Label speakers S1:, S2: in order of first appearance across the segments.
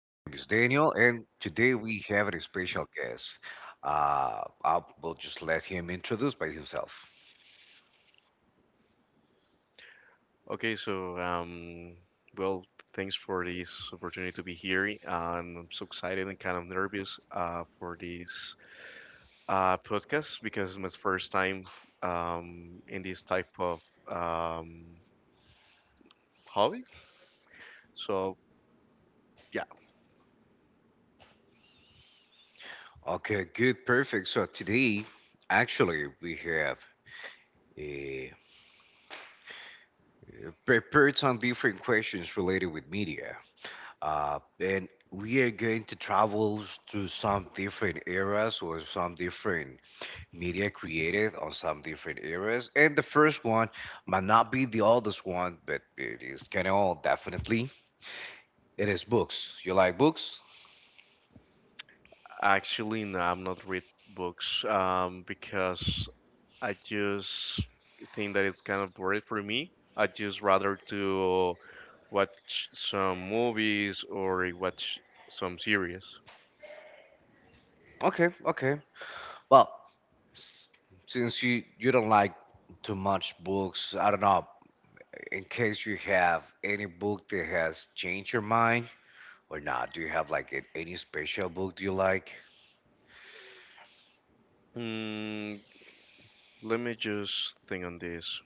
S1: my name is Daniel, and today we have a special guest. I will just let him introduce by himself.
S2: Okay, so um, well, Thanks for this opportunity to be here. I'm so excited and kind of nervous for this podcast because it's my first time in this type of um, hobby. So yeah,
S1: Okay, good, perfect. So today, actually, we have uh, prepared some different questions related with media, and we are going to travel through some different eras or some different media created on some different eras. And the first one might not be the oldest one, but it is kind of old, definitely. It is books. You like books?
S2: actually, no, I'm not read books because I just think that it's kind of boring for me. I just rather to watch some movies or watch some series.
S1: Okay, okay. Well, s- since you don't like too much books, I don't know. In case you have any book that has changed your mind or not, do you have like any special book you like?
S2: Mm, Let me just think on this.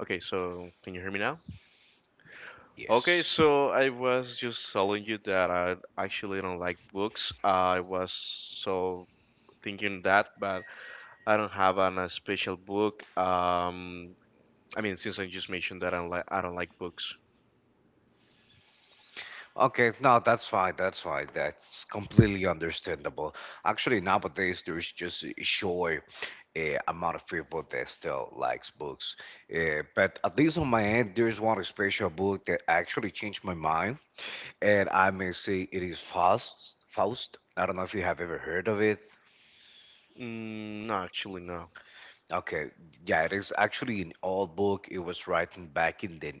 S2: Okay, so can you hear me now? Okay,
S1: Yes.
S2: so I was just telling you that I actually don't like books. I was so thinking that, but I don't have an, a special book. I mean, since I just mentioned that I don't like books.
S1: Okay, no, that's fine. That's fine. That's completely understandable. Actually, nowadays there's just a sure uh, amount of people that still likes books. But at least on my end, there's one special book that actually changed my mind, and I may say it is Faust. Faust. I don't know if you have ever heard of it.
S2: No, actually, no.
S1: Okay, yeah, it is actually an old book. It was written back in the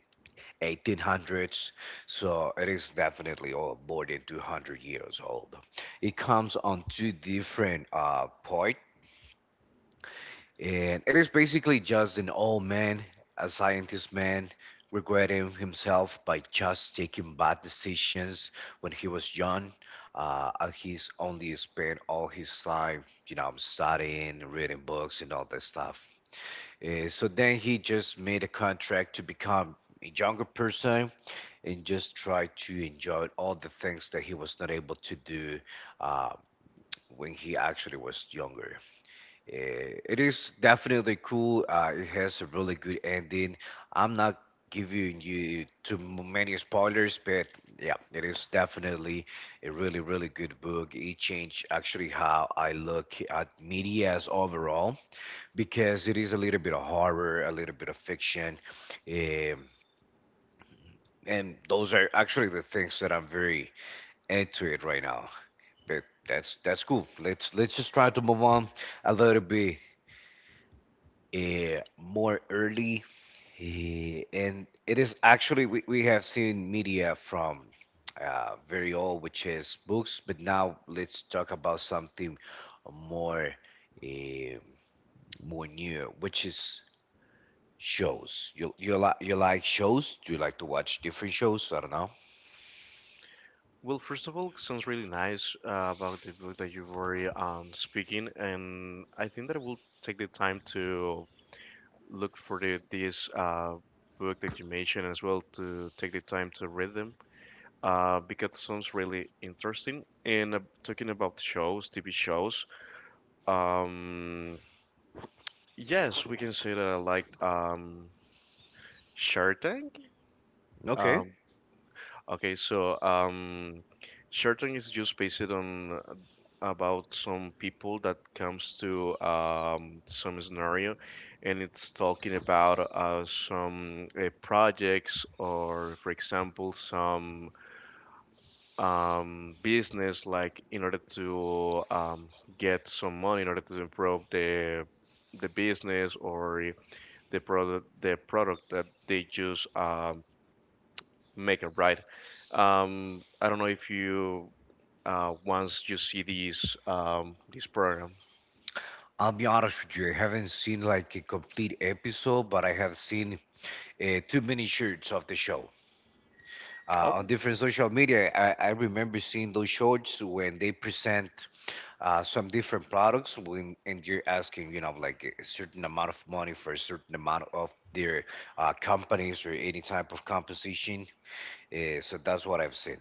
S1: 1800s, so it is definitely old, more than 200 years old. It comes on two different poets. And it is basically just an old man, a scientist man, regretting himself by just taking bad decisions when he was young. And he's only spent all his time, you know, studying, reading books, and all that stuff. So then he just made a contract to become a younger person and just try to enjoy all the things that he was not able to do uh, when he actually was younger. It is definitely cool. It has a really good ending. I'm not giving you too many spoilers, but yeah, it is definitely a really, really good book. It changed actually how I look at media as overall because it is a little bit of horror, a little bit of fiction. Um, and those are actually the things that I'm very into it right now. But that's cool. Let's just try to move on a little bit more early. And it is actually, we have seen media from very old, which is books, but now let's talk about something more eh, more new, which is shows. You like shows? Do you like to watch different shows? I don't know.
S2: Well, first of all, sounds really nice about the book that you've already speaking, and I think that I will take the time to look for the, these book that you mentioned as well to take the time to read them because it sounds really interesting. And talking about shows, TV shows, um, yes, we can say that I liked Shark Tank.
S1: Okay.
S2: Um, Okay, so um, shirting is just based on about some people that comes to some scenario, and it's talking about some projects or, for example, some business like in order to get some money in order to improve the business or the product that they just make it right. I don't know if you once you see these this program.
S1: I'll be honest with you, I haven't seen like a complete episode, but I have seen too many shirts of the show on
S2: Okay,
S1: different social media. I remember seeing those shorts when they present some different products when and you're asking, you know, like a certain amount of money for a certain amount of their companies or any type of composition. So that's what I've seen.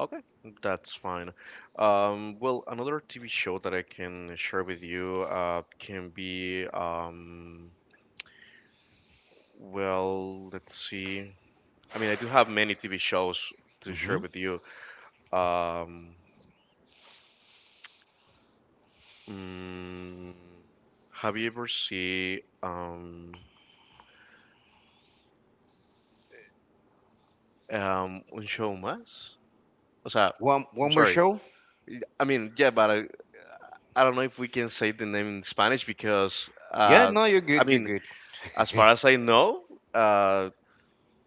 S2: okay, that's fine. Well, another TV show that I can share with you can be well, let's see. I mean, I do have many TV shows to share
S1: hmm
S2: with you. Um, mm, have you ever seen Un Show Más? O sea,
S1: One
S2: I'm
S1: one more
S2: sorry.
S1: show?
S2: I mean, yeah, but I don't know if we can say the name in Spanish because,
S1: Yeah, no, you're
S2: I
S1: good. You're
S2: mean,
S1: good.
S2: as far as I know, uh,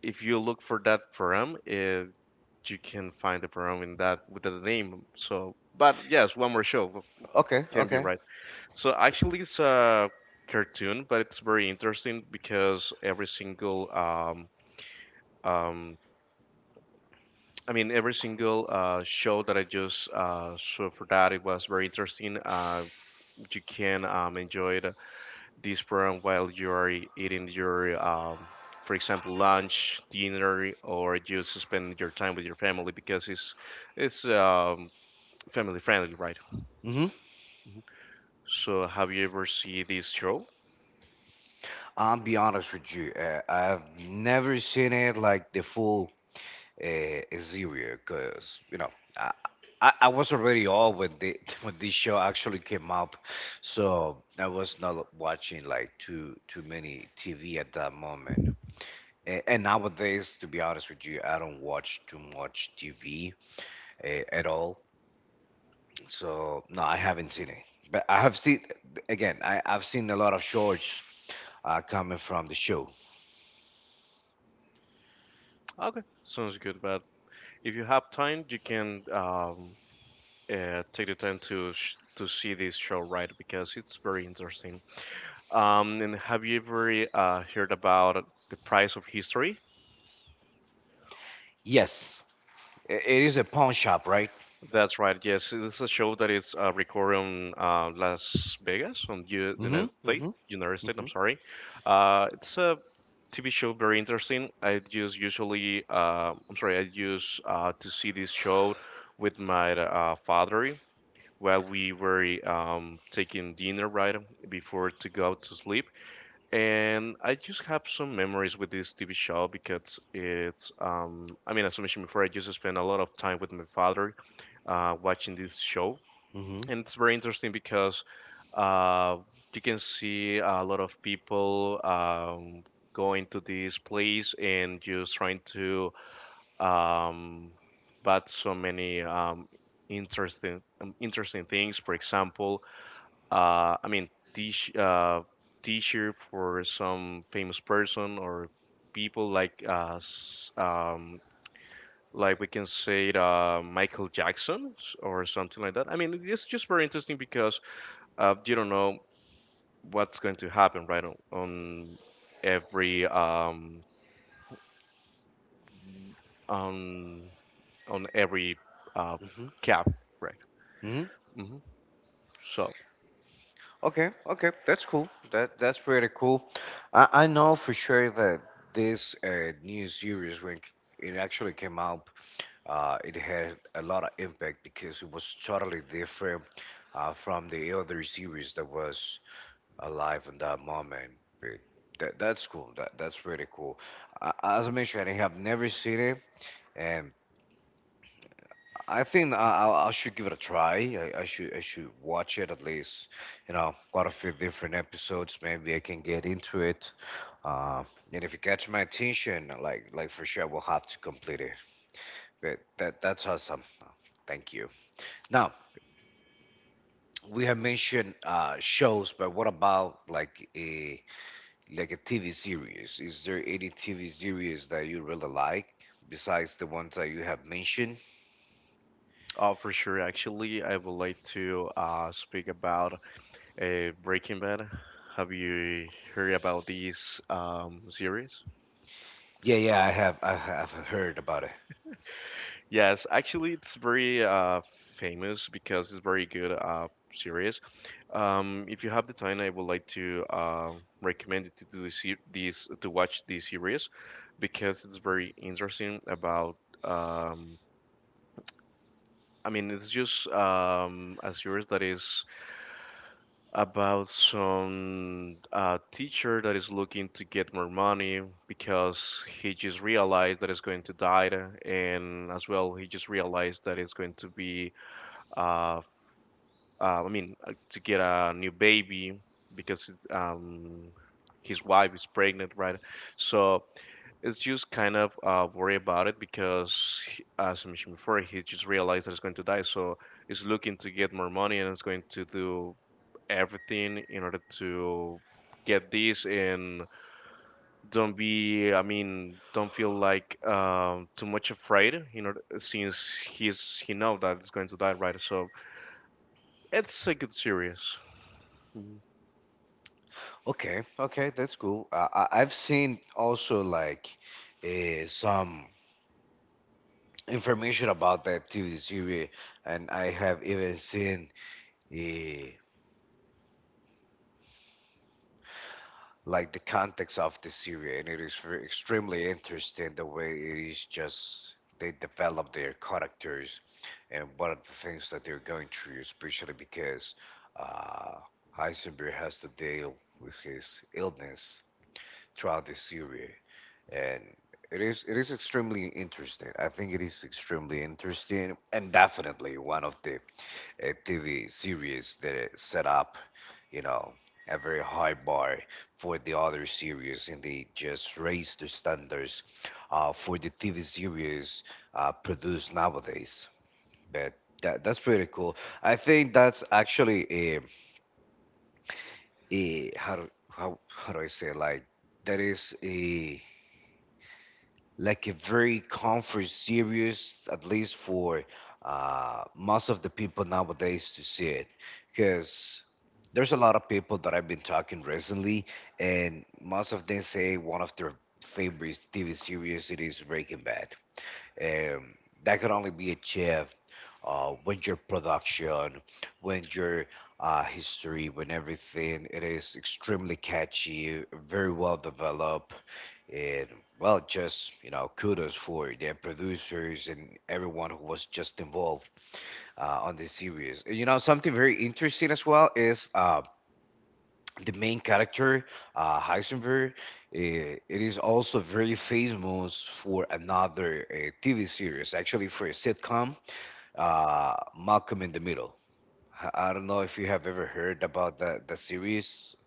S2: if you look for that program, you can find the program in that with the name. So, but yes, one more show
S1: Okay,
S2: can be
S1: okay.
S2: right. So actually, it's a cartoon, but it's very interesting because um, I mean, every single show that I just saw for that, it was very interesting. You can enjoy it this program while you are eating your, for example, lunch, dinner, or just spending your time with your family because it's family friendly, right?
S1: Mm-hmm.
S2: Mhm. So, have you ever seen this show?
S1: I'll be honest with you. I've never seen it like the full Xavier, because you know I, I was already old when the when this show actually came up, so I was not watching like too many TV at that moment. And nowadays, to be honest with you, I don't watch too much TV uh, at all. So no, I haven't seen it. But I have seen again. I've seen a lot of shorts coming from the show.
S2: Okay, sounds good. But if you have time, you can take the time to to see this show, right? Because it's very interesting. And have you ever heard about the price of history?
S1: Yes, it is a pawn shop, right?
S2: That's right. Yes, this is a show that is recorded on Las Vegas, on U
S1: Mm-hmm.
S2: United States,
S1: Mm-hmm.
S2: United States.
S1: Mm-hmm.
S2: I'm sorry. It's a TV show, very interesting. I just usually, I'm sorry, I used to see this show with my father while we were taking dinner right before to go to sleep. And I just have some memories with this TV show because it's, I mean, as I mentioned before, I just spent a lot of time with my father watching this show.
S1: Mm-hmm.
S2: And it's very interesting because uh, you can see a lot of people going to this place and just trying to um, but so many interesting interesting things. For example, I mean, teach, uh, teacher for some famous person or people like like we can say it, Michael Jackson or something like that. I mean, it's just very interesting because you don't know what's going to happen right on every on on every uh,
S1: Mm-hmm.
S2: cap, right?
S1: hmm
S2: Hmm. So.
S1: Okay, okay, that's cool. That's pretty cool. I know for sure that this new series when it actually came out, it had a lot of impact because it was totally different from the other series that was alive in that moment. But that's cool. That's pretty cool. As I mentioned, I have never seen it, and I think I should give it a try. I should watch it at least, you know, quite a few different episodes. Maybe I can get into it. Um, and if it catch my attention, like for sure, I will have to complete it. But that's awesome. Thank you. Now we have mentioned shows, but what about like a TV series? Is there any TV series that you really like besides the ones that you have mentioned?
S2: For sure. Actually, I would like to speak about Breaking Bad. Have you heard about this series?
S1: Yeah, I have heard about it.
S2: Yes, actually, it's very famous because it's very good series. If you have the time, I would like to recommend it to do this, this to watch this series because it's very interesting about. Um, I mean, it's just a series that is about some teacher that is looking to get more money because he just realized that it's going to die and as well he just realized that it's going to be uh, I mean to get a new baby because um, his wife is pregnant right so it's just kind of worry about it because as I mentioned before he just realized that it's going to die so is looking to get more money and it's going to do everything in order to get this and don't be I mean don't feel like too much afraid you know since he know that it's going to die right so it's a good series. Mm,
S1: Okay, okay, that's cool. I, I've seen also like some information about that TV series, and I have even seen uh, like the context of the series, and it is very, extremely interesting the way it is just they develop their characters and what are the things that they're going through, especially because uh, Heisenberg has to deal with his illness throughout the series. And it is extremely interesting. I think it is extremely interesting and definitely one of the TV series that it set up, you know, a very high bar for the other series and they just raised the standards for the TV series produced nowadays. But that's pretty cool. I think that's actually a, a how, how how do I say like that is a like a very comfort series, at least for most of the people nowadays to see it. Because there's a lot of people that I've been talking recently, and most of them say one of their favorite TV series it is Breaking Bad. Um, that could only be achieved when your production, when your history, when everything it is extremely catchy, very well developed, and well, just you know, kudos for the producers and everyone who was just involved on this series. You know, something very interesting as well is. The main character, Heisenberg, it is also very famous for another TV series, actually for a sitcom, Malcolm in the Middle. I don't know if you have ever heard about that the series.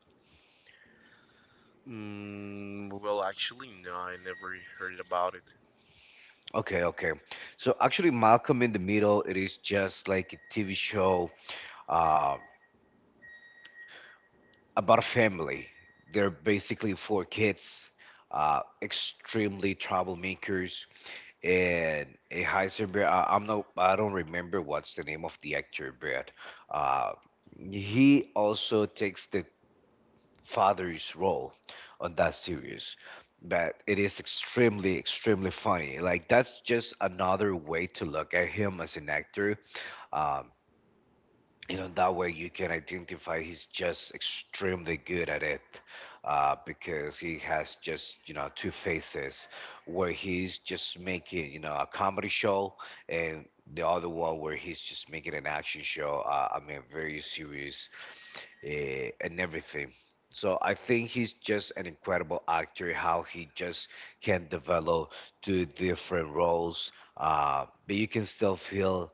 S2: well actually no I never heard about it
S1: Okay, okay. So actually, Malcolm in the Middle, it is just like a TV show uh, about a family. They're basically four kids, extremely troublemakers and a Heisenberg. I, I'm not. I don't remember what's the name of the actor, but uh, he also takes the father's role on that series. But it is extremely, extremely funny. Like that's just another way to look at him as an actor. Um, you know that way you can identify he's just extremely good at it because he has just you know two faces where he's just making you know a comedy show and the other one where he's just making an action show I mean very serious uh, and everything so I think he's just an incredible actor how he just can develop two different roles but you can still feel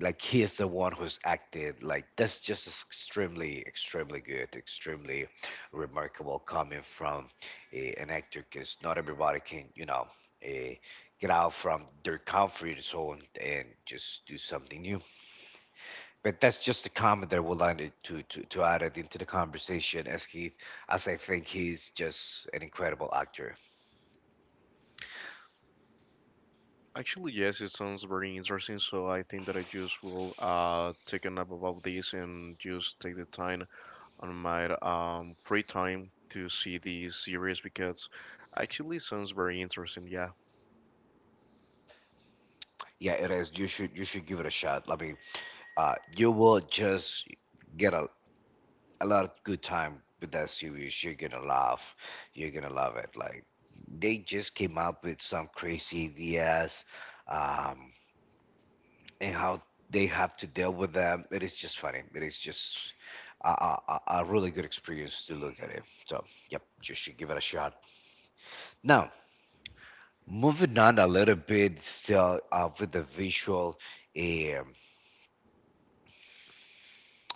S1: like he is the one who's acted like that's just extremely extremely good extremely remarkable coming from an actor because not everybody can you know uh, get out from their comfort zone and just do something new but that's just a comment that I would like to, add it into the conversation as Keith as I think he's just an incredible actor
S2: actually yes it sounds very interesting so I think that I just will take a nap about this and just take the time on my free time to see these series because actually sounds very interesting. Yeah,
S1: yeah it is you should give it a shot I mean you will just get a lot of good time with that series. You're gonna laugh. You're gonna love it. Like they just came up with some crazy ideas, um, and how they have to deal with them. It is just funny. It is just a really good experience to look at it. So yep, you should give it a shot. Now moving on a little bit still with the visual um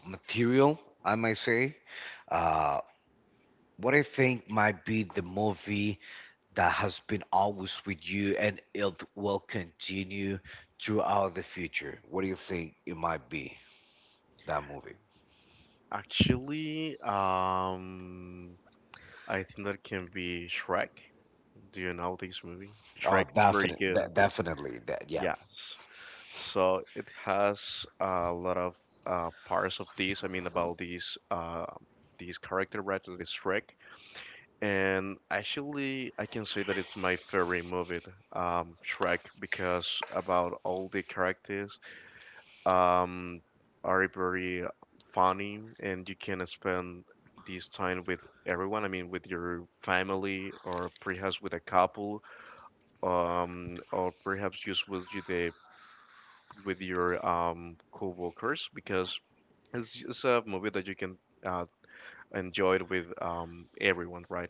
S1: material, I might say. Uh, what I think might be the movie that has been always with you and it will continue throughout the future. What do you think it might be, that movie?
S2: actually, I think that can be Shrek. Do you know this movie? Shrek
S1: Oh,
S2: is very
S1: definitely,
S2: good.
S1: definitely, yeah,
S2: Yes. So it has a lot of parts of this. I mean, about these character right that is Shrek. And actually, I can say that it's my favorite movie, Shrek, because about all the characters um, are very funny and you can spend this time with everyone. I mean, with your family or perhaps with a couple, or perhaps just with you the with your co-workers because it's a movie that you can uh, enjoy it with everyone, right?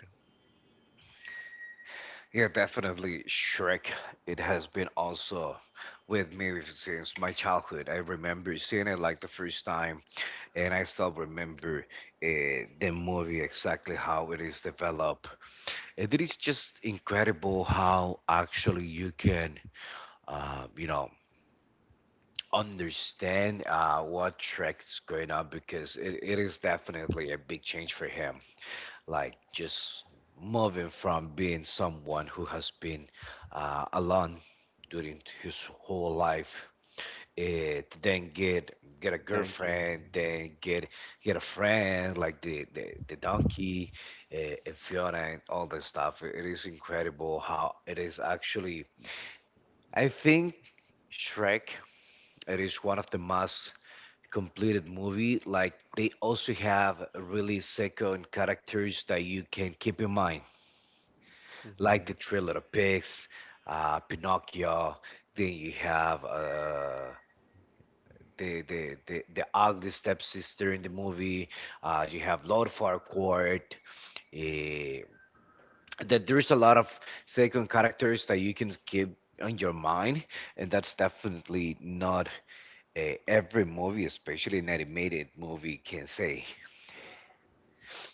S1: yeah, definitely Shrek. It has been also with me since my childhood. I remember seeing it like the first time, and I still remember uh, the movie exactly how it is developed. And it is just incredible how actually you can, you know understand what track is going on because it is definitely a big change for him. Like just moving from being someone who has been alone during his whole life, it then get a
S2: Thank you.
S1: girlfriend, then get a friend like the donkey uh, and Fiona and all that stuff. It is incredible how it is actually. I think Shrek. It is one of the most completed movie. Like they also have really second characters that you can keep in mind, like the
S2: Mhm.
S1: Three Little Pigs, Pinocchio. Then you have the ugly stepsister in the movie. You have Lord Farquaad. eh, that there's a lot of second characters that you can keep on your mind, and that's definitely not every movie, especially an animated movie, can say.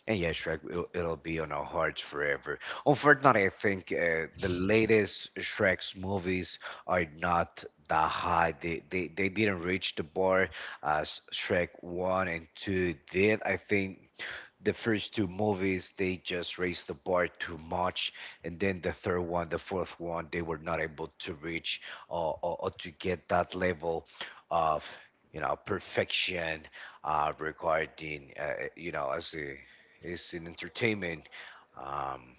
S1: And yeah, Shrek, it'll be on our hearts forever. Unfortunately, I think the latest Shrek's movies are not that high. They didn't reach the bar as Shrek 1 and 2 did. I think the first two movies, they just raised the bar too much. And then the third one, the fourth one, they were not able to reach or to get that level of perfection regarding, as a it's in entertainment. Um,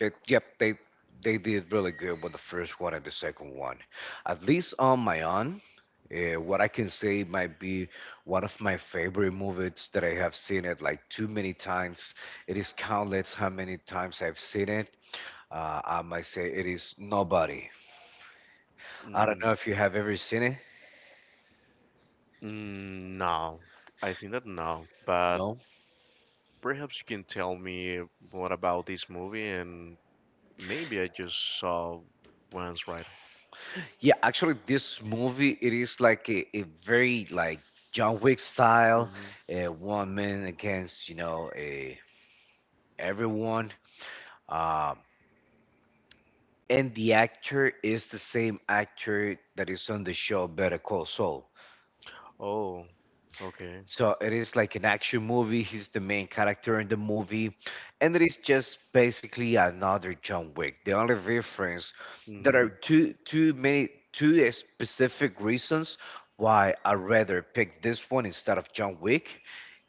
S1: but yep, they did really good with the first one and the second one. At least on my own, what I can say might be one of my favorite movies that I have seen it like too many times. It is countless how many times I've seen it. I might say it is Nobody. I don't
S2: Mm,
S1: know if you have ever seen it.
S2: no, I think that no. But
S1: No?
S2: perhaps you can tell me more about this movie and maybe I just saw one's right?
S1: Yeah, actually, this movie it is like a very like John Wick style,
S2: Hmm.
S1: one man against a, everyone. Um, and the actor is the same actor that is on the show Better Call Saul.
S2: Oh, okay.
S1: So it is like an action movie. He's the main character in the movie, and it is just basically another John Wick. The only difference there are
S2: Mm,
S1: two specific reasons why I rather pick this one instead of John Wick,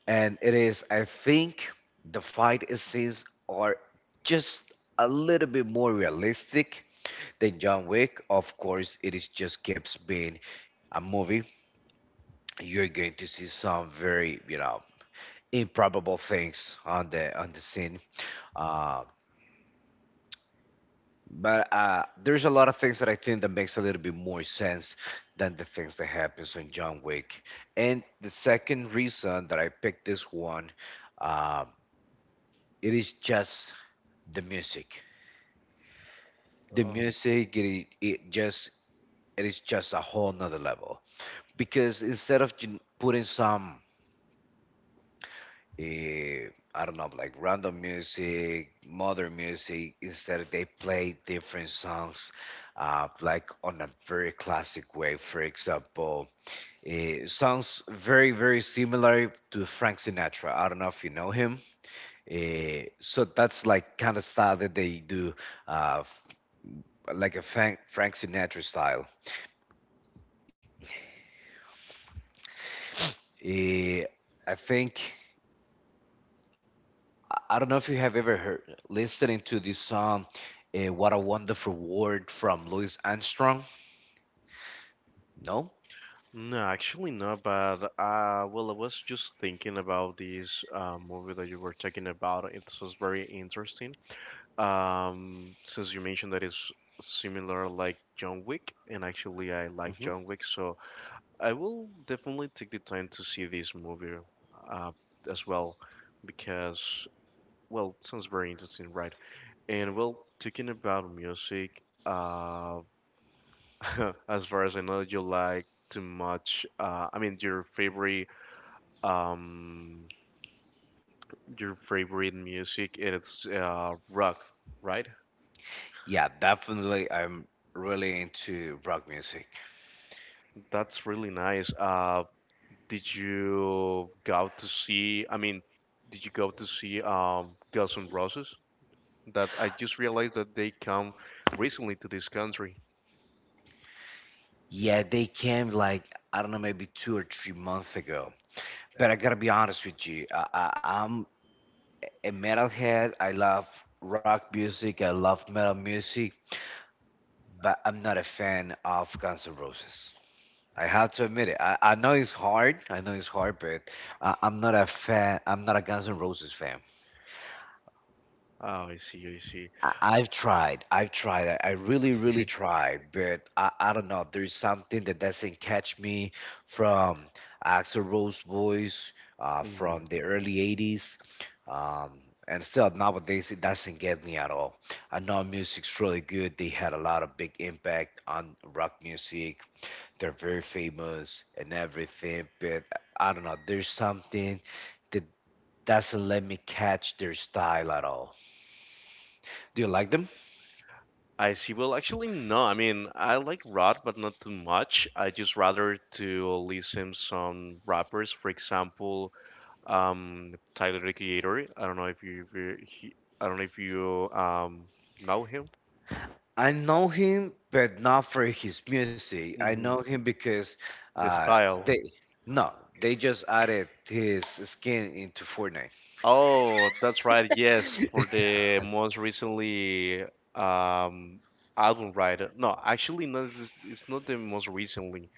S1: and it is I think the fight scenes are just a little bit more realistic than John Wick. Of course, it is just keeps being a movie. You're going to see some very improbable things on the scene. Uh, but there's a lot of things that I think that makes a little bit more sense than the things that happens in John Wick. And the second reason that I picked this one, um, it is just the music. The
S2: Um,
S1: music, it is just a whole nother level because instead of you putting some eh, I don't know, like random music, modern music. Instead, they play different songs, like on a very classic way. For example, songs very, very similar to Frank Sinatra. I don't know if you know him. So that's like kind of style that they do, uh, f- like a Frank Sinatra style. Eh, I think. I don't know if you have ever heard listening to this song "What a Wonderful World" from Louis Armstrong. No.
S2: no, actually not. But well, I was just thinking about this movie that you were talking about. It was very interesting. Since you mentioned that it's similar like John Wick, and actually I like
S1: Hmm.
S2: John Wick, so I will definitely take the time to see this movie uh, as well, because well, sounds very interesting, right? And well, talking about music, uh, as far as I know, you like too much. I mean, um, your favorite music, it's rock, right?
S1: Yeah, definitely. I'm really into rock music.
S2: That's really nice. Did you go to see? I mean, did you go to see Guns N' Roses? That I just realized that they come recently to this country.
S1: Yeah, they came like I don't know, maybe 2 or 3 months ago. But I gotta be honest with you. I'm a metalhead. I love rock music. I love metal music. But I'm not a fan of Guns N' Roses. I have to admit it. I know it's hard. I know it's hard, but I'm not a fan. I'm not a Guns N' Roses fan.
S2: Oh, I see, I
S1: I've tried. I've tried. I really, really tried, but I don't know. There's something that doesn't catch me from Axl Rose voice
S2: see.
S1: from the early 80s. Um, and still nowadays it doesn't get me at all. I know music's really good. They had a lot of big impact on rock music, they're very famous and everything, but I don't know, there's something that doesn't let me catch their style at all. Do you like them?
S2: I see. Well, actually, no. I mean, I like rap, but not too much. I just rather to listen some rappers. For example, Tyler the Creator. I don't know if you, I don't know if you know him.
S1: I know him, but not for his music. I know
S2: Hmm.
S1: him because
S2: The
S1: uh, they
S2: style.
S1: no, they just added his skin into Fortnite.
S2: Oh, that's right. Yes, for the most recently um album, right? No, actually, no. It's not the most recently.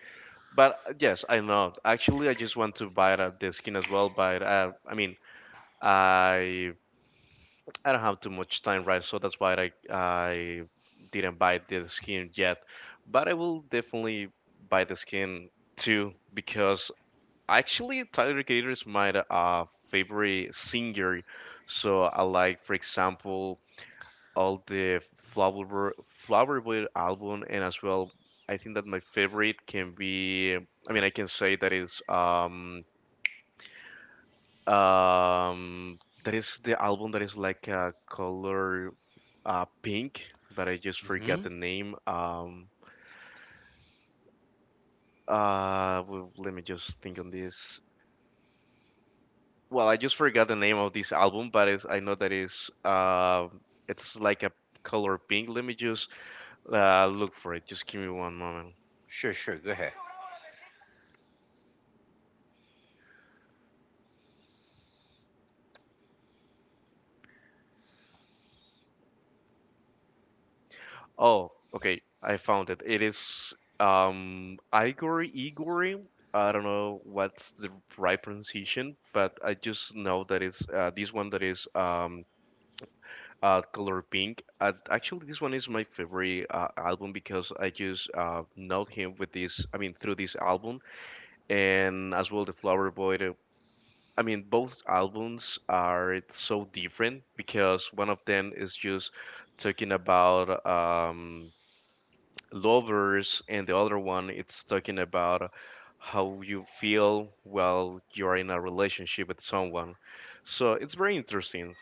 S2: But yes, I know. Actually, I just want to buy the skin as well. But I mean, I I don't have too much time, right? So that's why I didn't buy the skin yet. But I will definitely buy the skin too because actually Tyler the Creator is my favorite singer. So I like, for example, all the Flowerbird album, and as well, I think that my favorite can be. I mean, I can say um that is the album that is like a color pink, but I just forgot
S1: Hmm.
S2: the name. Let me just think on this. Well, I just forgot the name of this album, but it's, I know that is it's like a color pink. Let me just look for it. Just give me one moment.
S1: Sure, sure, go ahead.
S2: Oh, okay. I found it. It is Igor. I don't know what's the right pronunciation, but I just know that it's this one that is color pink. Actually, this one is my favorite album because I just know him with this. I mean, through this album and as well the Flower Boy. I mean, both albums are it's so different because one of them is just talking about lovers and the other one it's talking about how you feel while you're in a relationship with someone so it's very interesting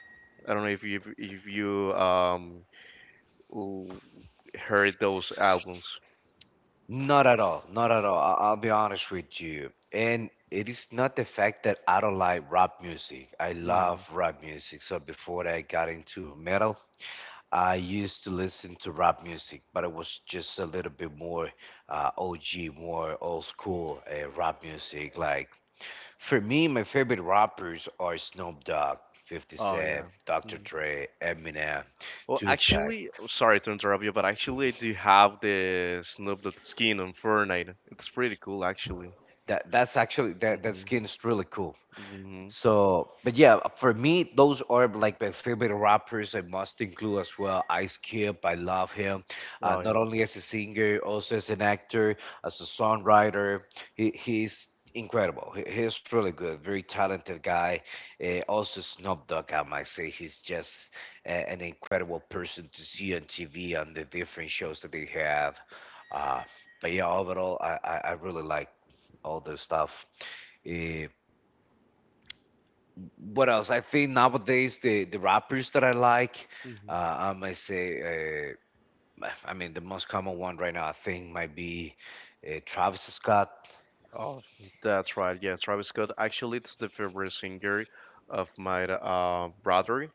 S2: I don't know if you l- heard those albums.
S1: Not at all. Not at all. I'll be honest with you. And it is not the fact that I don't like rap music. I love
S2: Mm.
S1: rap music. So before I got into metal, I used to listen to rap music, but it was just a little bit more OG, more old school rap music. Like for me, my favorite rappers are Snoop Dogg, 50
S2: Oh
S1: Cent,
S2: yeah.
S1: Dr.
S2: Mm.
S1: Dre, Eminem,
S2: well
S1: Tupac.
S2: actually sorry to interrupt you, but actually I do have the Snoop Dogg skin on Fortnite. It's pretty cool actually.
S1: That's actually that
S2: hmm
S1: skin is really cool.
S2: hmm
S1: So, but yeah, for me, those are like my favorite rappers. I must include as well Ice Cube. I love him, not
S2: oh
S1: only as a singer, also as an actor, as a songwriter. He's incredible. He's really good, very talented guy. Also Snoop Dogg, I might say, he's just an incredible person to see on TV on the different shows that they have. Uh, but yeah, overall, I really like all the stuff. Eh, what else? I think nowadays the rappers that I like,
S2: yeah.
S1: I might say, I mean the most common one right now I think might be Travis Scott.
S2: Oh, that's right. Yeah, Travis Scott. Actually, it's the favorite singer of my brother.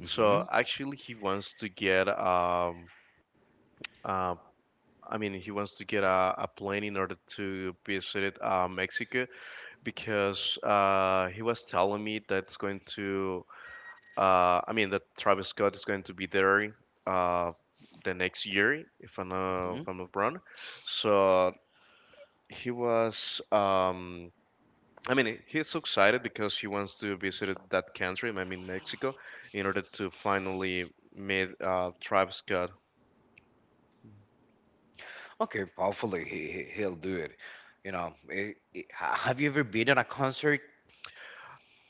S1: Hmm,
S2: So actually, he wants to get uh, I mean, he wants to get a plane in order to visit Mexico, because he was telling me that's going to. I mean, that Travis Scott is going to be there uh, the next year, if
S1: hmm.
S2: I'm not wrong. So he was. I mean, he's so excited because he wants to visit that country, I mean Mexico, in order to finally meet Travis Scott.
S1: Okay, hopefully he'll do it. You know, have you ever been at a concert?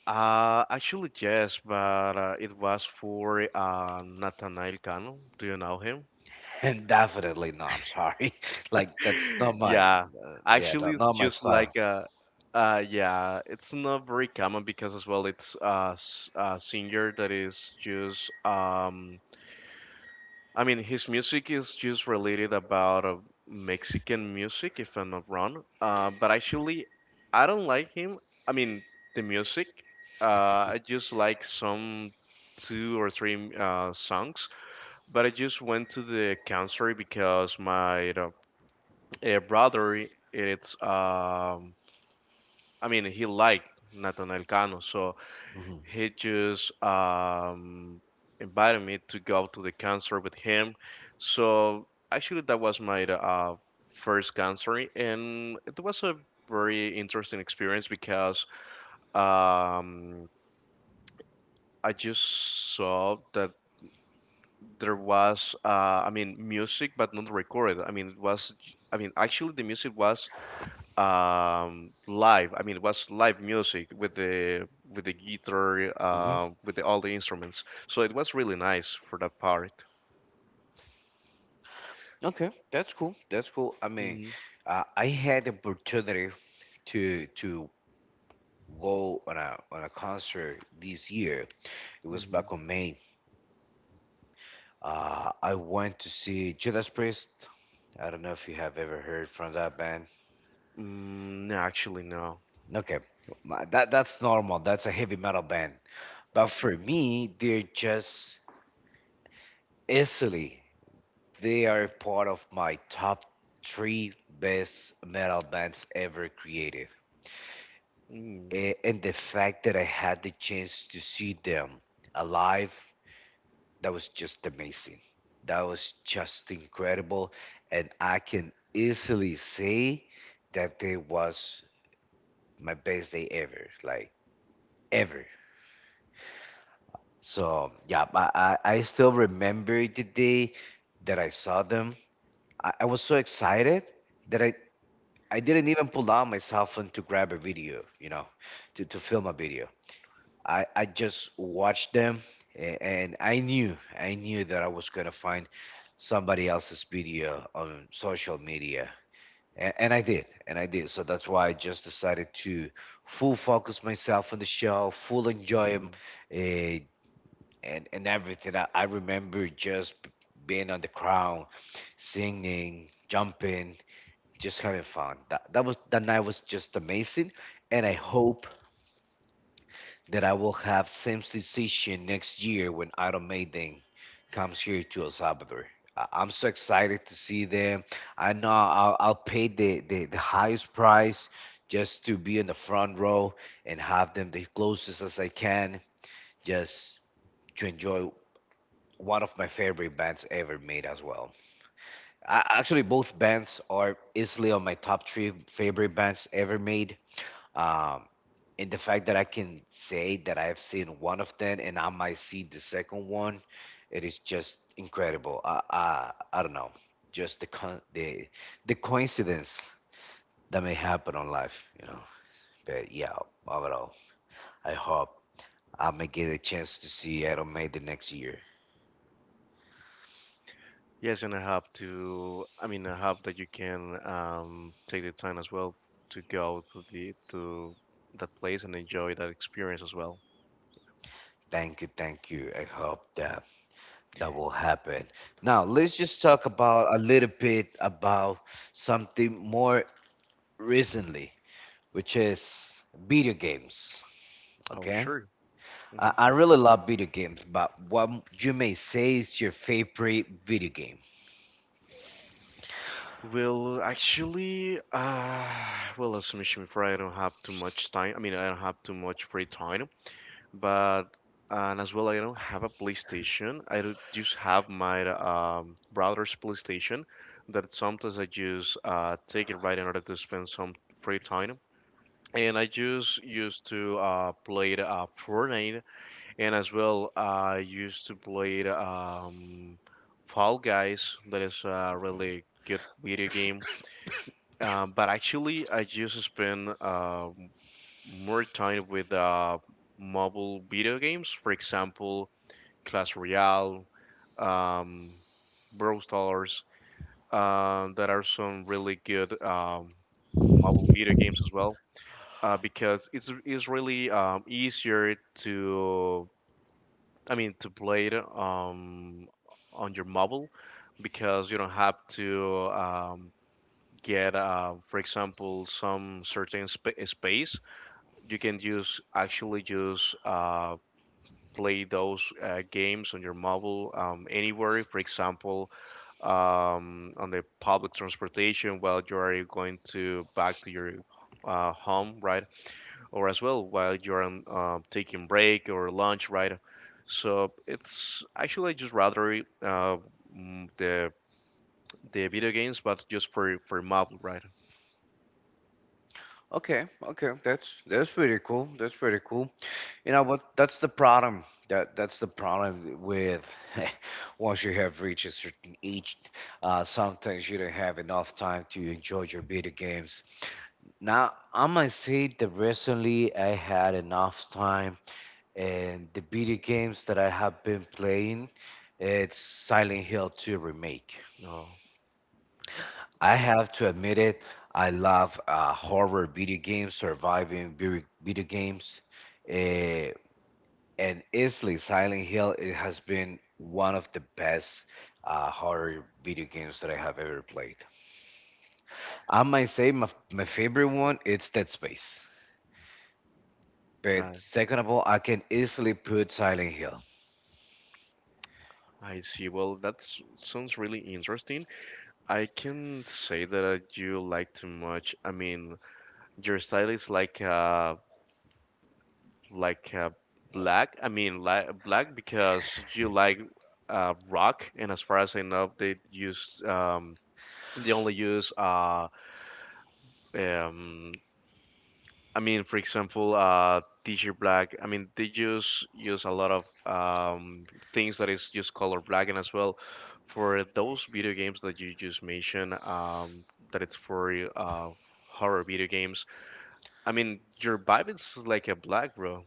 S2: Actually, yes, but it was for Nathaniel Cano. Do you know him?
S1: And definitely no. I'm sorry, like that's not my,
S2: Yeah,
S1: yeah,
S2: actually,
S1: not
S2: it's
S1: my
S2: just
S1: style.
S2: like yeah, it's not very common because as well, it's a singer that is just I mean, his music is just related about Mexican music, if I'm not wrong. But actually, I don't like him. I mean, the music. Uh, I just like some two or three songs. But I just went to the concert because my brother, it's I mean, he liked Nathan Elcano, so
S1: Hmm,
S2: he just invited me to go to the concert with him. So actually, that was my first concert, and it was a very interesting experience because um, I just saw that there was, I mean, music, but not recorded. I mean, it was, I mean, actually, the music was live. I mean, it was live music with the guitar,
S1: hmm.
S2: with the, all the instruments. So it was really nice for that part.
S1: Okay, that's cool. That's cool. I mean,
S2: hmm
S1: I had the opportunity to go on a concert this year. It was
S2: hmm
S1: back on May. I went to see Judas Priest. I don't know if you have ever heard from that band.
S2: mm, no, actually no.
S1: Okay, that's normal. That's a heavy metal band. But
S2: Okay.
S1: for me, they're just easily. They are part of my top three best metal bands ever created.
S2: mm,
S1: And the fact that I had the chance to see them alive. That was just amazing. That was just incredible. And I can easily say that it was my best day ever, like ever. So yeah, I still remember the day that I saw them. I was so excited that I didn't even pull out my cell phone to grab a video, to film a video. I just watched them and I knew that I was gonna find somebody else's video on social media. And I did, and I did. So that's why I just decided to full focus myself on the show, full enjoy 'em,
S2: hmm
S1: eh, and everything. I remember just being on the crowd, singing, jumping, just having fun. That night was just amazing, and I
S2: hmm
S1: hope that I will have same sensation next year when Iron Maiden comes here to El Salvador. I'm so excited to see them. I know I'll pay the highest price just to be in the front row and have them the closest as I can, just to enjoy one of my favorite bands ever made as well. Actually, both bands are easily on my top three favorite bands ever made. Um, and the fact that I can say that I have seen one of them and I might see the second one, it is just incredible. I don't know, just the con the coincidence that may happen on life. But yeah, overall, I hope I may get a chance to see Iron Maiden next year.
S2: yes, and I have to, I mean, I hope that you can take the time as well to go to the to that place and enjoy that experience as well.
S1: Thank you, thank you. I hope that that will happen. Now let's just talk about a little bit about something more recently, which is video games.
S2: Oh
S1: Okay.
S2: sure.
S1: I really love video games, but what you may say is your favorite video game.
S2: Well, actually, well, as Sashimi Fry, I don't have too much time. I mean, I don't have too much free time, but and as well, I don't have a PlayStation. I just have my brother's PlayStation that sometimes I just take it right in order to spend some free time. And I just used to play Fortnite, and as well, I used to play Fall Guys. That is a
S1: Mhm.
S2: really good video game, but actually, I just spend more time with mobile video games. For example, Clash Royale, um, Brawl Stars. That are some really good mobile video games as well, because it's really easier to, I mean, to play it on your mobile because you don't have to get, for example, some certain sp space. You can use actually just play those games on your mobile anywhere. For example, on the public transportation while you are going to back to your home, right? Or as well while you're on taking break or lunch, right? So it's actually just rather the video games, but just for mobile, right?
S1: Okay, okay, that's pretty cool. That's pretty cool. You know what? That's the problem. That's the problem with once you have reached a certain age, sometimes you don't have enough time to enjoy your video games. Now I might say that recently I had enough time and the video games that I have been playing, it's Silent Hill 2 remake.
S2: Oh,
S1: I have to admit it, I love horror video games, surviving video games, eh, and easily Silent Hill it has been one of the best horror video games that I have ever played. I might say my favorite one it's Dead Space. But second of all, I can easily put Silent Hill.
S2: I see. Well, that sounds really interesting. I can say that you like too much. I mean, your style is like black. I mean, li black because you like rock, and as far as I know, they use they only use um I mean, for example, Teacher Black. I mean, they just use a lot of um, things that is just color black, and as well for those video games that you just mentioned, that it's for horror video games. I mean, your vibe is like a black, bro.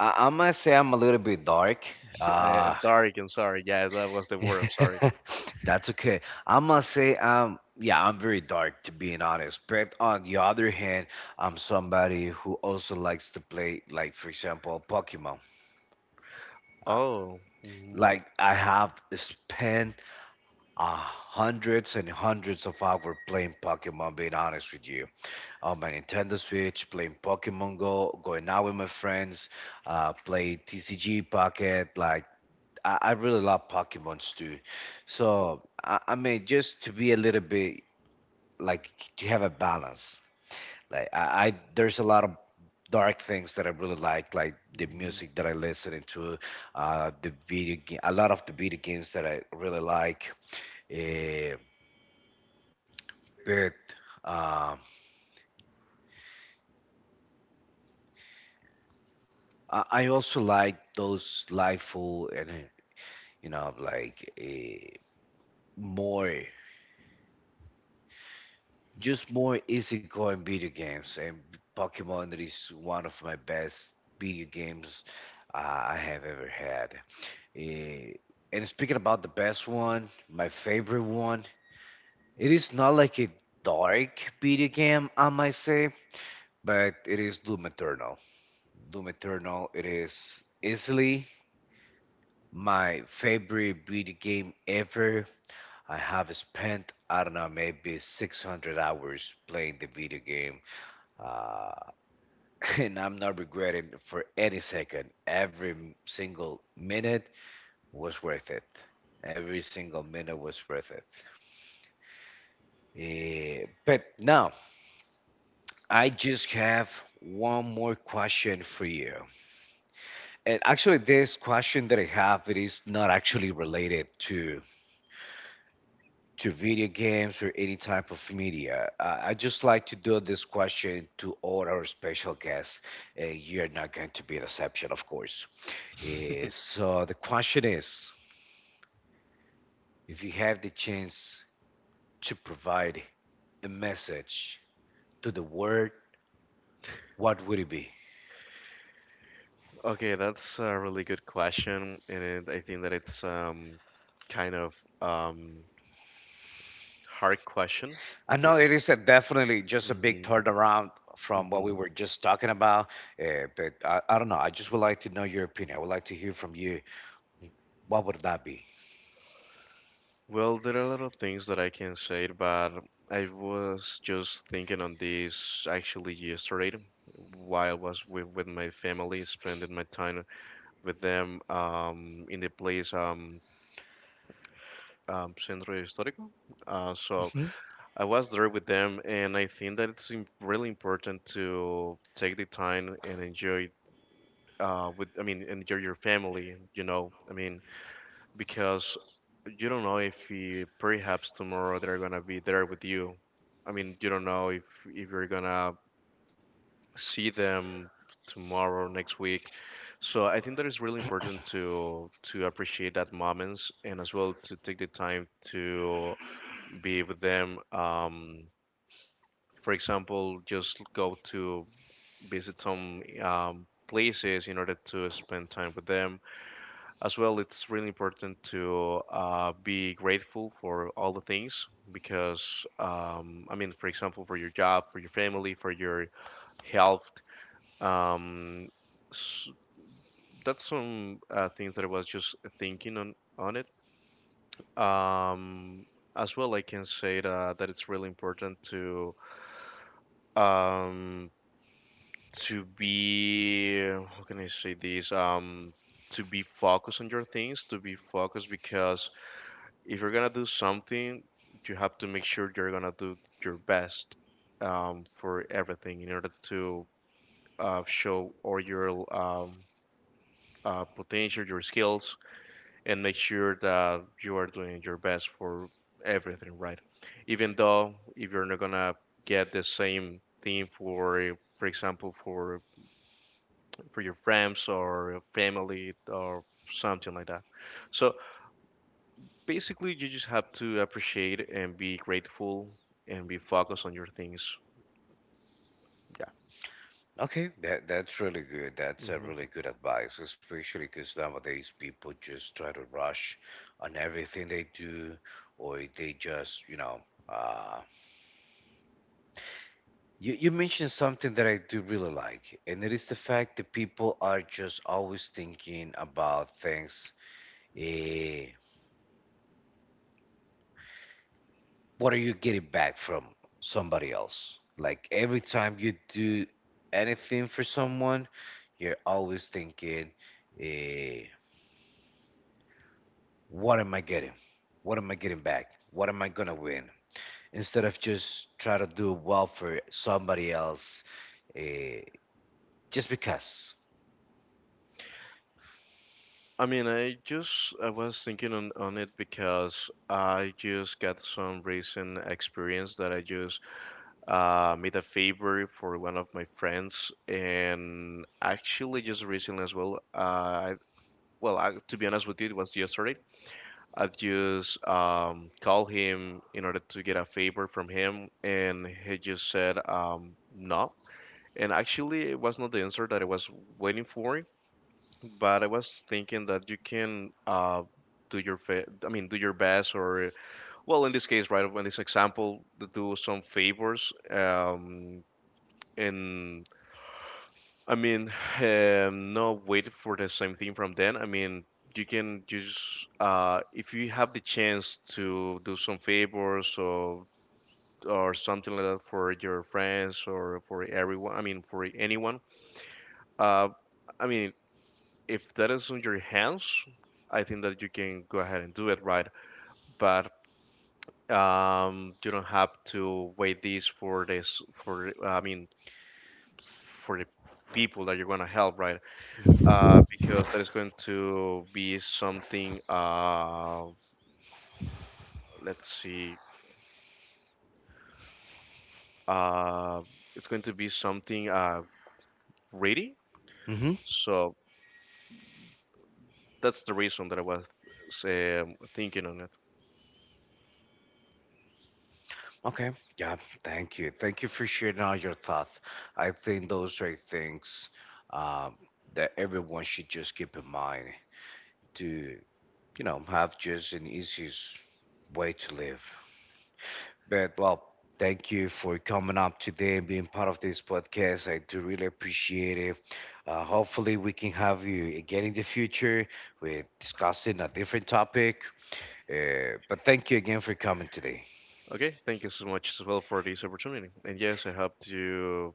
S1: I might say I'm a little bit dark.
S2: I,
S1: Uh,
S2: dark. I'm sorry. Yeah, that was the word. I'm sorry.
S1: That's okay. I must say, yeah, I'm very dark to being honest. But on the other hand, I'm somebody who also likes to play, like for example, Pokemon. Uh,
S2: Oh. Mhm,
S1: like I have spent hundreds and hundreds of hours playing Pokemon. Being honest with you, on my Nintendo Switch, playing Pokemon Go, going out with my friends, play TCG Pocket, like I really love Pokemons too. So I mean, just to be a little bit like to have a balance. Like I there's a lot of dark things that I really like the
S2: mhm.
S1: music that I listen to, the video game, a lot of the video games that I really like. Uh, but um, I, I also like those lifeful and you know like uh, more. Just more easygoing video games, and Pokemon is one of my best video games I have ever had. Eh, and speaking about the best one, my favorite one, it is not like a dark video game, I might say, but it is Doom Eternal. Doom Eternal, it is easily my favorite video game ever. I have spent, I don't know, maybe 600 hours playing the video game uh, and I'm not regretting for any second. Every single minute was worth it. Every single minute was worth it. But now I just have one more question for you. And actually, this question that I have it is not actually related to video games or any type of media. I just like to do this question to all our special guests. You're not going to be the exception, of course. So the question is, if you have the chance to provide a message to the world, what would it be?
S2: Okay, that's a really good question, and it, I think that it's kind of um, hard question.
S1: I know it is a definitely just a big
S2: Mm-hmm.
S1: turnaround from what we
S2: Hmm.
S1: were just talking about, but I don't know. I just would like to know your opinion. I would like to hear from you. What would that be?
S2: Well, there are a lot of things that I can say, but I was just thinking on this actually yesterday while I was with my family, spending my time with them in the place Centro Histórico. So I was there with them, and I think that it's really important to take the time and enjoy. With I mean, enjoy your family, you know. I mean, because you don't know if perhaps tomorrow they're gonna be there with you. I mean, you don't know if you're gonna see them tomorrow, next week. So I think that is really important to appreciate that moments and as well to take the time to be with them. For example, just go to visit some places in order to spend time with them as well. It's really important to be grateful for all the things, because I mean, for example, for your job, for your family, for your health. Um, s That's some things that I was just thinking on it. um, as well, I can say that it's really important to um, be, how can I say this, to be focused on your things, to be focused, because if you're gonna do something, you have to make sure you're gonna do your best, for everything in order to show all your potential, your skills, and make sure that you are doing your best for everything, right? Even though if you're not gonna get the same thing for example, for your friends or family or something like that. So basically, you just have to appreciate and be grateful and be focused on your things. Yeah.
S1: Okay, that's really good. That's a
S2: Hmm.
S1: really good advice, especially because nowadays people just try to rush on everything they do, or they just, uh, you mentioned something that I do really like, and it is the fact that people are just always thinking about things. Eh, what are you getting back from somebody else? Like every time you do anything for someone, you're always thinking. eh. What am I getting? What am I getting back? What am I gonna win? Instead of just try to do well for somebody else, uh, just because.
S2: I mean, I just, I was thinking on it because I just got some recent experience that I just made a favor for one of my friends, and actually just recently as well. Well, I, to be honest with you, it was yesterday. I just called him in order to get a favor from him, and he just said no. And actually, it was not the answer that I was waiting for, but I was thinking that you can do your I mean, do your best, or well, in this case, right, in this example, to do some favors. And I mean, not wait for the same thing from them. I mean, you can just if you have the chance to do some favors or something like that for your friends or for everyone. I mean, for anyone. Uh, I mean, if that is on your hands, I think that you can go ahead and do it right. But you don't have to wait this for this for, I mean, for the people that you're going to help, right? Because that is going to be something. Let's see. Uh, it's going to be something ready.
S1: Mm-hmm.
S2: So that's the reason that I was thinking on it.
S1: Okay. Yeah. Thank you. Thank you for sharing all your thoughts. I think those are things um, that everyone should just keep in mind to have just an easiest way to live. But well, thank you for coming up today and being part of this podcast. I do really appreciate it. Hopefully, we can have you again in the future. We're discussing a different topic. But thank you again for coming today.
S2: Okay, thank you so much as well for this opportunity. And yes, I hope to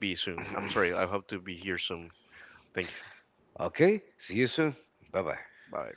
S2: be soon. I'm sorry, I have to be here soon. Thank you.
S1: Okay, see you soon. Bye bye.
S2: Bye.